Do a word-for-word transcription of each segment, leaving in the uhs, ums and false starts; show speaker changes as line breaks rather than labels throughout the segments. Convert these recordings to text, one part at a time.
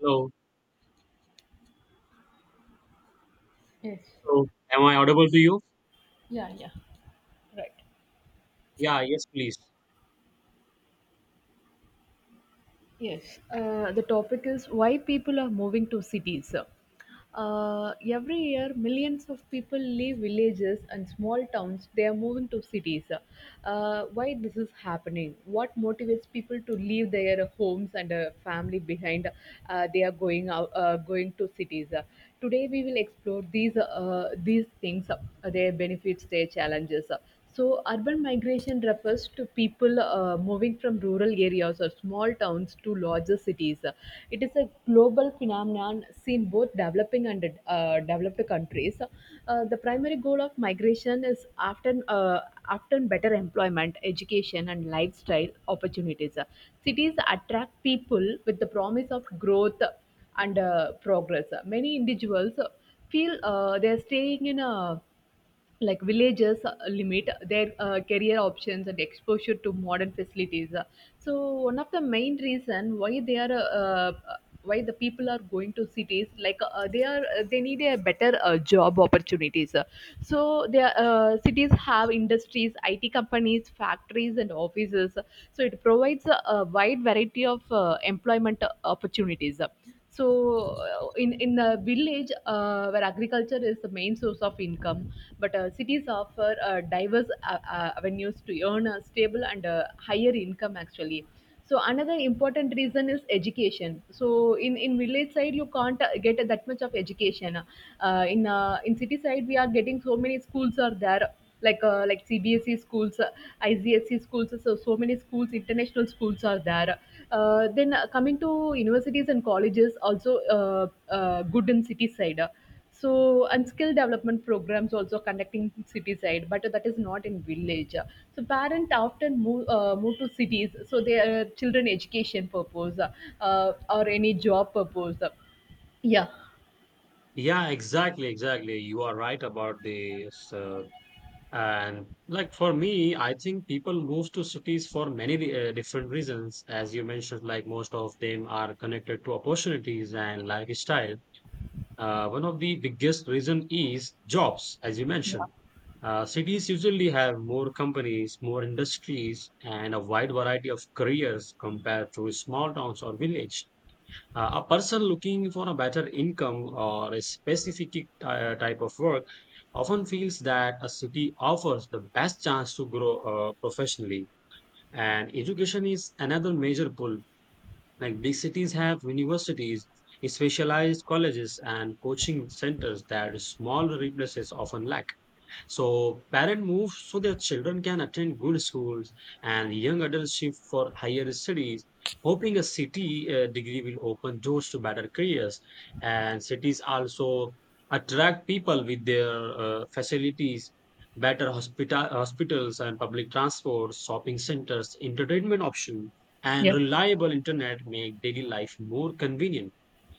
Hello. Hello. Am I audible to you?
Right.
Yeah. Yes, please.
Yes. Uh, the topic is why people are moving to cities. Uh, every year, millions of people leave villages and small towns. They are moving to cities. Uh, why this is happening? What motivates people to leave their homes and uh, family behind? Uh, they are going out, uh, going to cities. Uh, today, we will explore these uh, these things, uh, their benefits, their challenges. Uh, So, urban migration refers to people uh, moving from rural areas or small towns to larger cities. It is a global phenomenon seen both developing and uh, developed countries. Uh, the primary goal of migration is often uh, often better employment, education, and lifestyle opportunities. Cities attract people with the promise of growth and uh, progress. Many individuals feel uh, they are staying in a like villagers uh, limit their uh, career options and exposure to modern facilities. Uh, so, one of the main reason why they are uh, uh, why the people are going to cities like uh, they are uh, they need a better uh, job opportunities. Uh, so their uh, cities have industries, it companies, factories and offices, so it provides a, a wide variety of uh, employment opportunities. So, uh, in in the village uh, where agriculture is the main source of income, but uh, cities offer uh, diverse uh, uh, avenues to earn a stable and uh, higher income actually. So another important reason is education. So in, in village side you can't uh, get that much of education. Uh, in uh, in city side we are getting so many schools are there, like uh, like C B S E schools, uh, I C S E schools, so so many schools, international schools are there. Uh, then uh, Coming to universities and colleges, also uh, uh, good in city side. So and skill development programs also conducting in city side, but that is not in village. So parent often move uh, move to cities, so their children education purpose uh, or any job purpose. Yeah,
Yeah, exactly, exactly. You are right about this. Uh, and like for me, I think people move to cities for many re- uh, different reasons. As you mentioned, like most of them are connected to opportunities and lifestyle. Uh, one of the biggest reason is jobs, as you mentioned. Uh, cities usually have more companies, more industries, and a wide variety of careers compared to small towns or village. Uh, a person looking for a better income or a specific uh, type of work often feels that a city offers the best chance to grow uh, professionally. And education is another major pull. Like big cities have universities, specialized colleges, and coaching centers that small places often lack. So parent move so their children can attend good schools and young adults shift for higher studies, hoping a city uh, degree will open doors to better careers. And cities also attract people with their uh, facilities, better hospital hospitals and public transport, shopping centers, entertainment options, and
yeah.
reliable internet make daily life more convenient.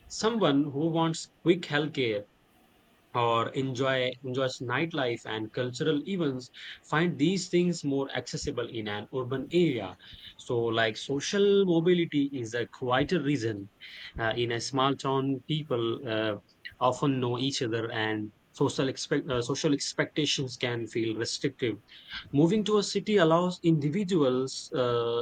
Someone who wants quick healthcare or enjoy enjoys nightlife and cultural events find these things more accessible in an urban area. So like social mobility is a quieter reason. Uh, in a small town people uh, often know each other and social expect uh, social expectations can feel restrictive. Moving to a city allows individuals uh,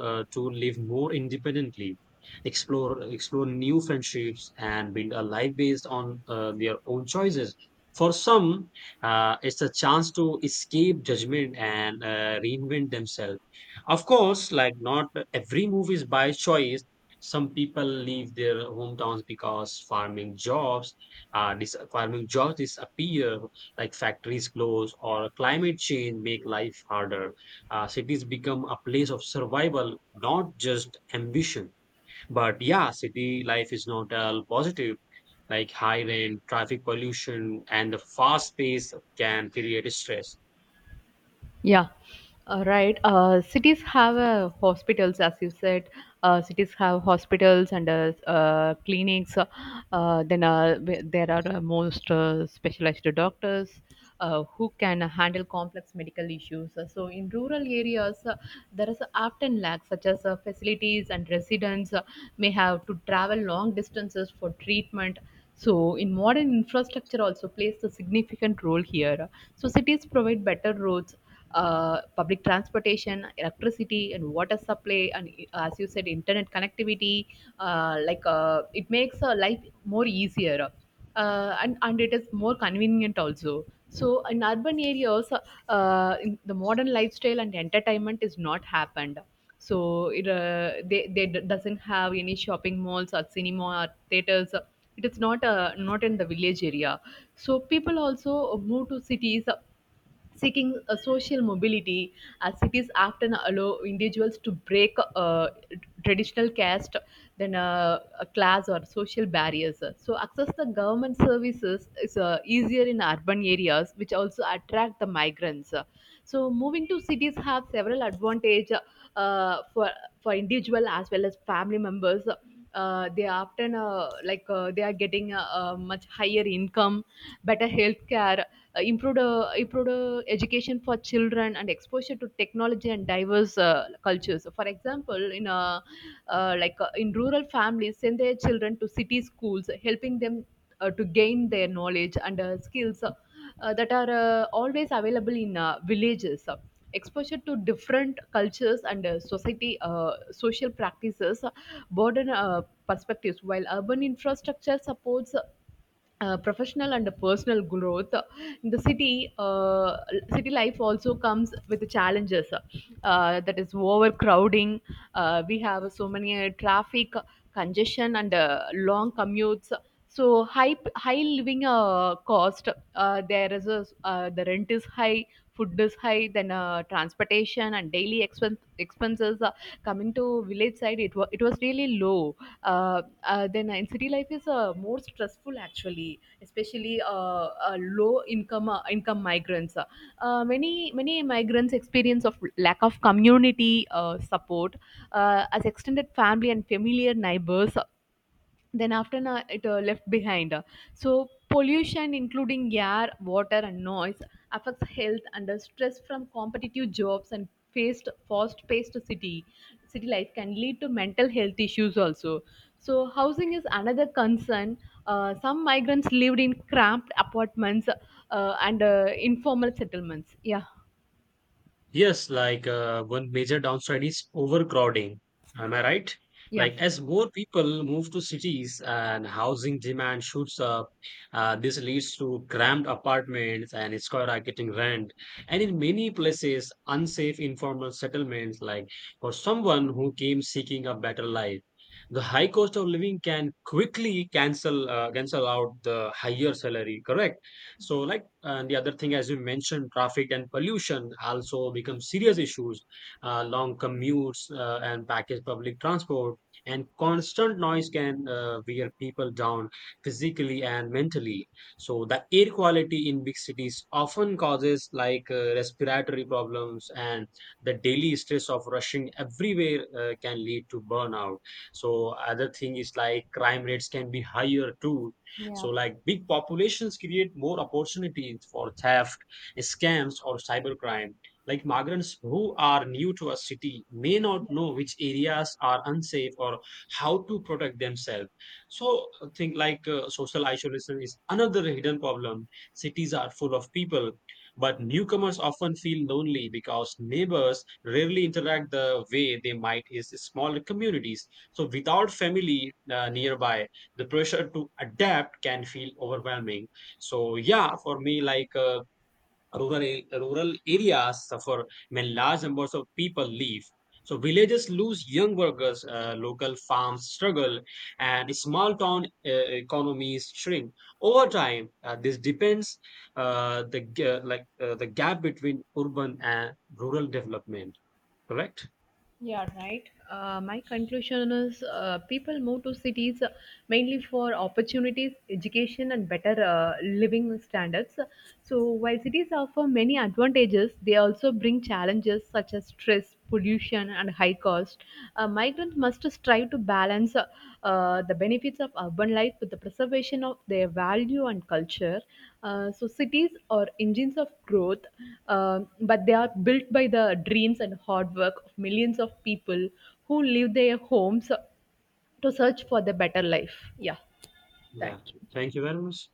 uh, to live more independently, explore explore new friendships and build a life based on uh, their own choices. For some, uh, it's a chance to escape judgment and uh, reinvent themselves. Of course, like not every move is by choice. Some people leave their hometowns because farming jobs, uh, dis- farming jobs disappear, like factories close or climate change make life harder. Uh, cities become a place of survival, not just ambition. But yeah, city life is not all positive. Like high rent, traffic pollution, and the fast pace can create stress.
Yeah, uh, right. Uh, cities have uh, hospitals, as you said. Uh, cities have hospitals and uh, uh, clinics. Uh, uh, then uh, wh- there are uh, most uh, specialized doctors uh, who can handle complex medical issues. Uh, So in rural areas, uh, there is often lack, such as uh, facilities and residents uh, may have to travel long distances for treatment. So in modern infrastructure also plays a significant role here. So cities provide better roads, uh, public transportation, electricity, and water supply, and uh, as you said, internet connectivity. Uh, like uh, it makes uh, life more easier, uh, and and it is more convenient also. So in urban areas, uh, in the modern lifestyle and entertainment is not happened. So it uh, they they d- doesn't have any shopping malls or cinema or theaters. It is not uh, not in the village area. So people also move to cities seeking a social mobility, as cities often allow individuals to break uh, traditional caste, then uh, a class or social barriers, so access the government services is uh, easier in urban areas, which also attract the migrants. So moving to cities have several advantage uh, for for individual as well as family members. Uh, they often uh, like uh, they are getting a, a much higher income, better health care, uh, improved uh, improved uh, education for children and exposure to technology and diverse uh, cultures. So, for example, in uh, uh, like uh, in rural families send their children to city schools, helping them uh, to gain their knowledge and uh, skills uh, uh, that are uh, always available in uh, villages. So, exposure to different cultures and uh, society, uh, social practices broaden uh, perspectives, while urban infrastructure supports uh, uh, professional and personal growth. In the city, uh, city life also comes with the challenges, uh, that is overcrowding. Uh, we have so many uh, traffic congestion and uh, long commutes. So high high living uh, cost. Uh, there is a, uh, the rent is high, food is high, then uh, transportation and daily expense expenses. Coming to village side, it, was it was really low. Uh, uh, then uh, in city life is uh, more stressful actually, especially uh, uh, low income uh, income migrants. Uh, uh, many many migrants experience of lack of community uh, support, uh, as extended family and familiar neighbors then after na, it uh, left behind. So pollution including air, water and noise affects health under stress from competitive jobs, and faced fast-paced city city life can lead to mental health issues also. So housing is another concern. Uh, some migrants lived in cramped apartments uh, and uh, informal settlements. yeah
Yes, like uh, one major downside is overcrowding. Am I right?
yeah
Like as more people move to cities and housing demand shoots up, uh, this leads to cramped apartments and skyrocketing rent. And in many places, unsafe informal settlements. Like for someone who came seeking a better life, the high cost of living can quickly cancel uh, cancel out the higher salary. Correct? So like uh, the other thing, as you mentioned, traffic and pollution also become serious issues. Uh, long commutes uh, and package public transport and constant noise can uh, wear people down physically and mentally. So the air quality in big cities often causes like uh, respiratory problems, and the daily stress of rushing everywhere uh, can lead to burnout. So other thing is like crime rates can be higher too. So, like big populations create more opportunities for theft, scams, or cybercrime. Like migrants who are new to a city may not know which areas are unsafe or how to protect themselves. So, I think like uh, social isolation is another hidden problem. Cities are full of people, but newcomers often feel lonely because neighbors rarely interact the way they might in smaller communities. So, without family uh, nearby, the pressure to adapt can feel overwhelming. So yeah, for me, like uh, rural a- rural areas suffer when large numbers of people leave. So villages lose young workers, uh, local farms struggle and small town uh, economies shrink over time. Uh, this depends uh, the g- uh, like uh, the gap between urban and rural development. Correct.
Right? Uh, my conclusion is uh, people move to cities uh, mainly for opportunities, education, and better uh, living standards. So, while cities offer many advantages, they also bring challenges such as stress, pollution, and high cost. Uh, migrants must strive to balance uh, uh, the benefits of urban life with the preservation of their value and culture. Uh, so, cities are engines of growth, uh, but they are built by the dreams and hard work of millions of people who leave their homes to search for the better life. Yeah,
Yeah,
thank you.
thank you very much.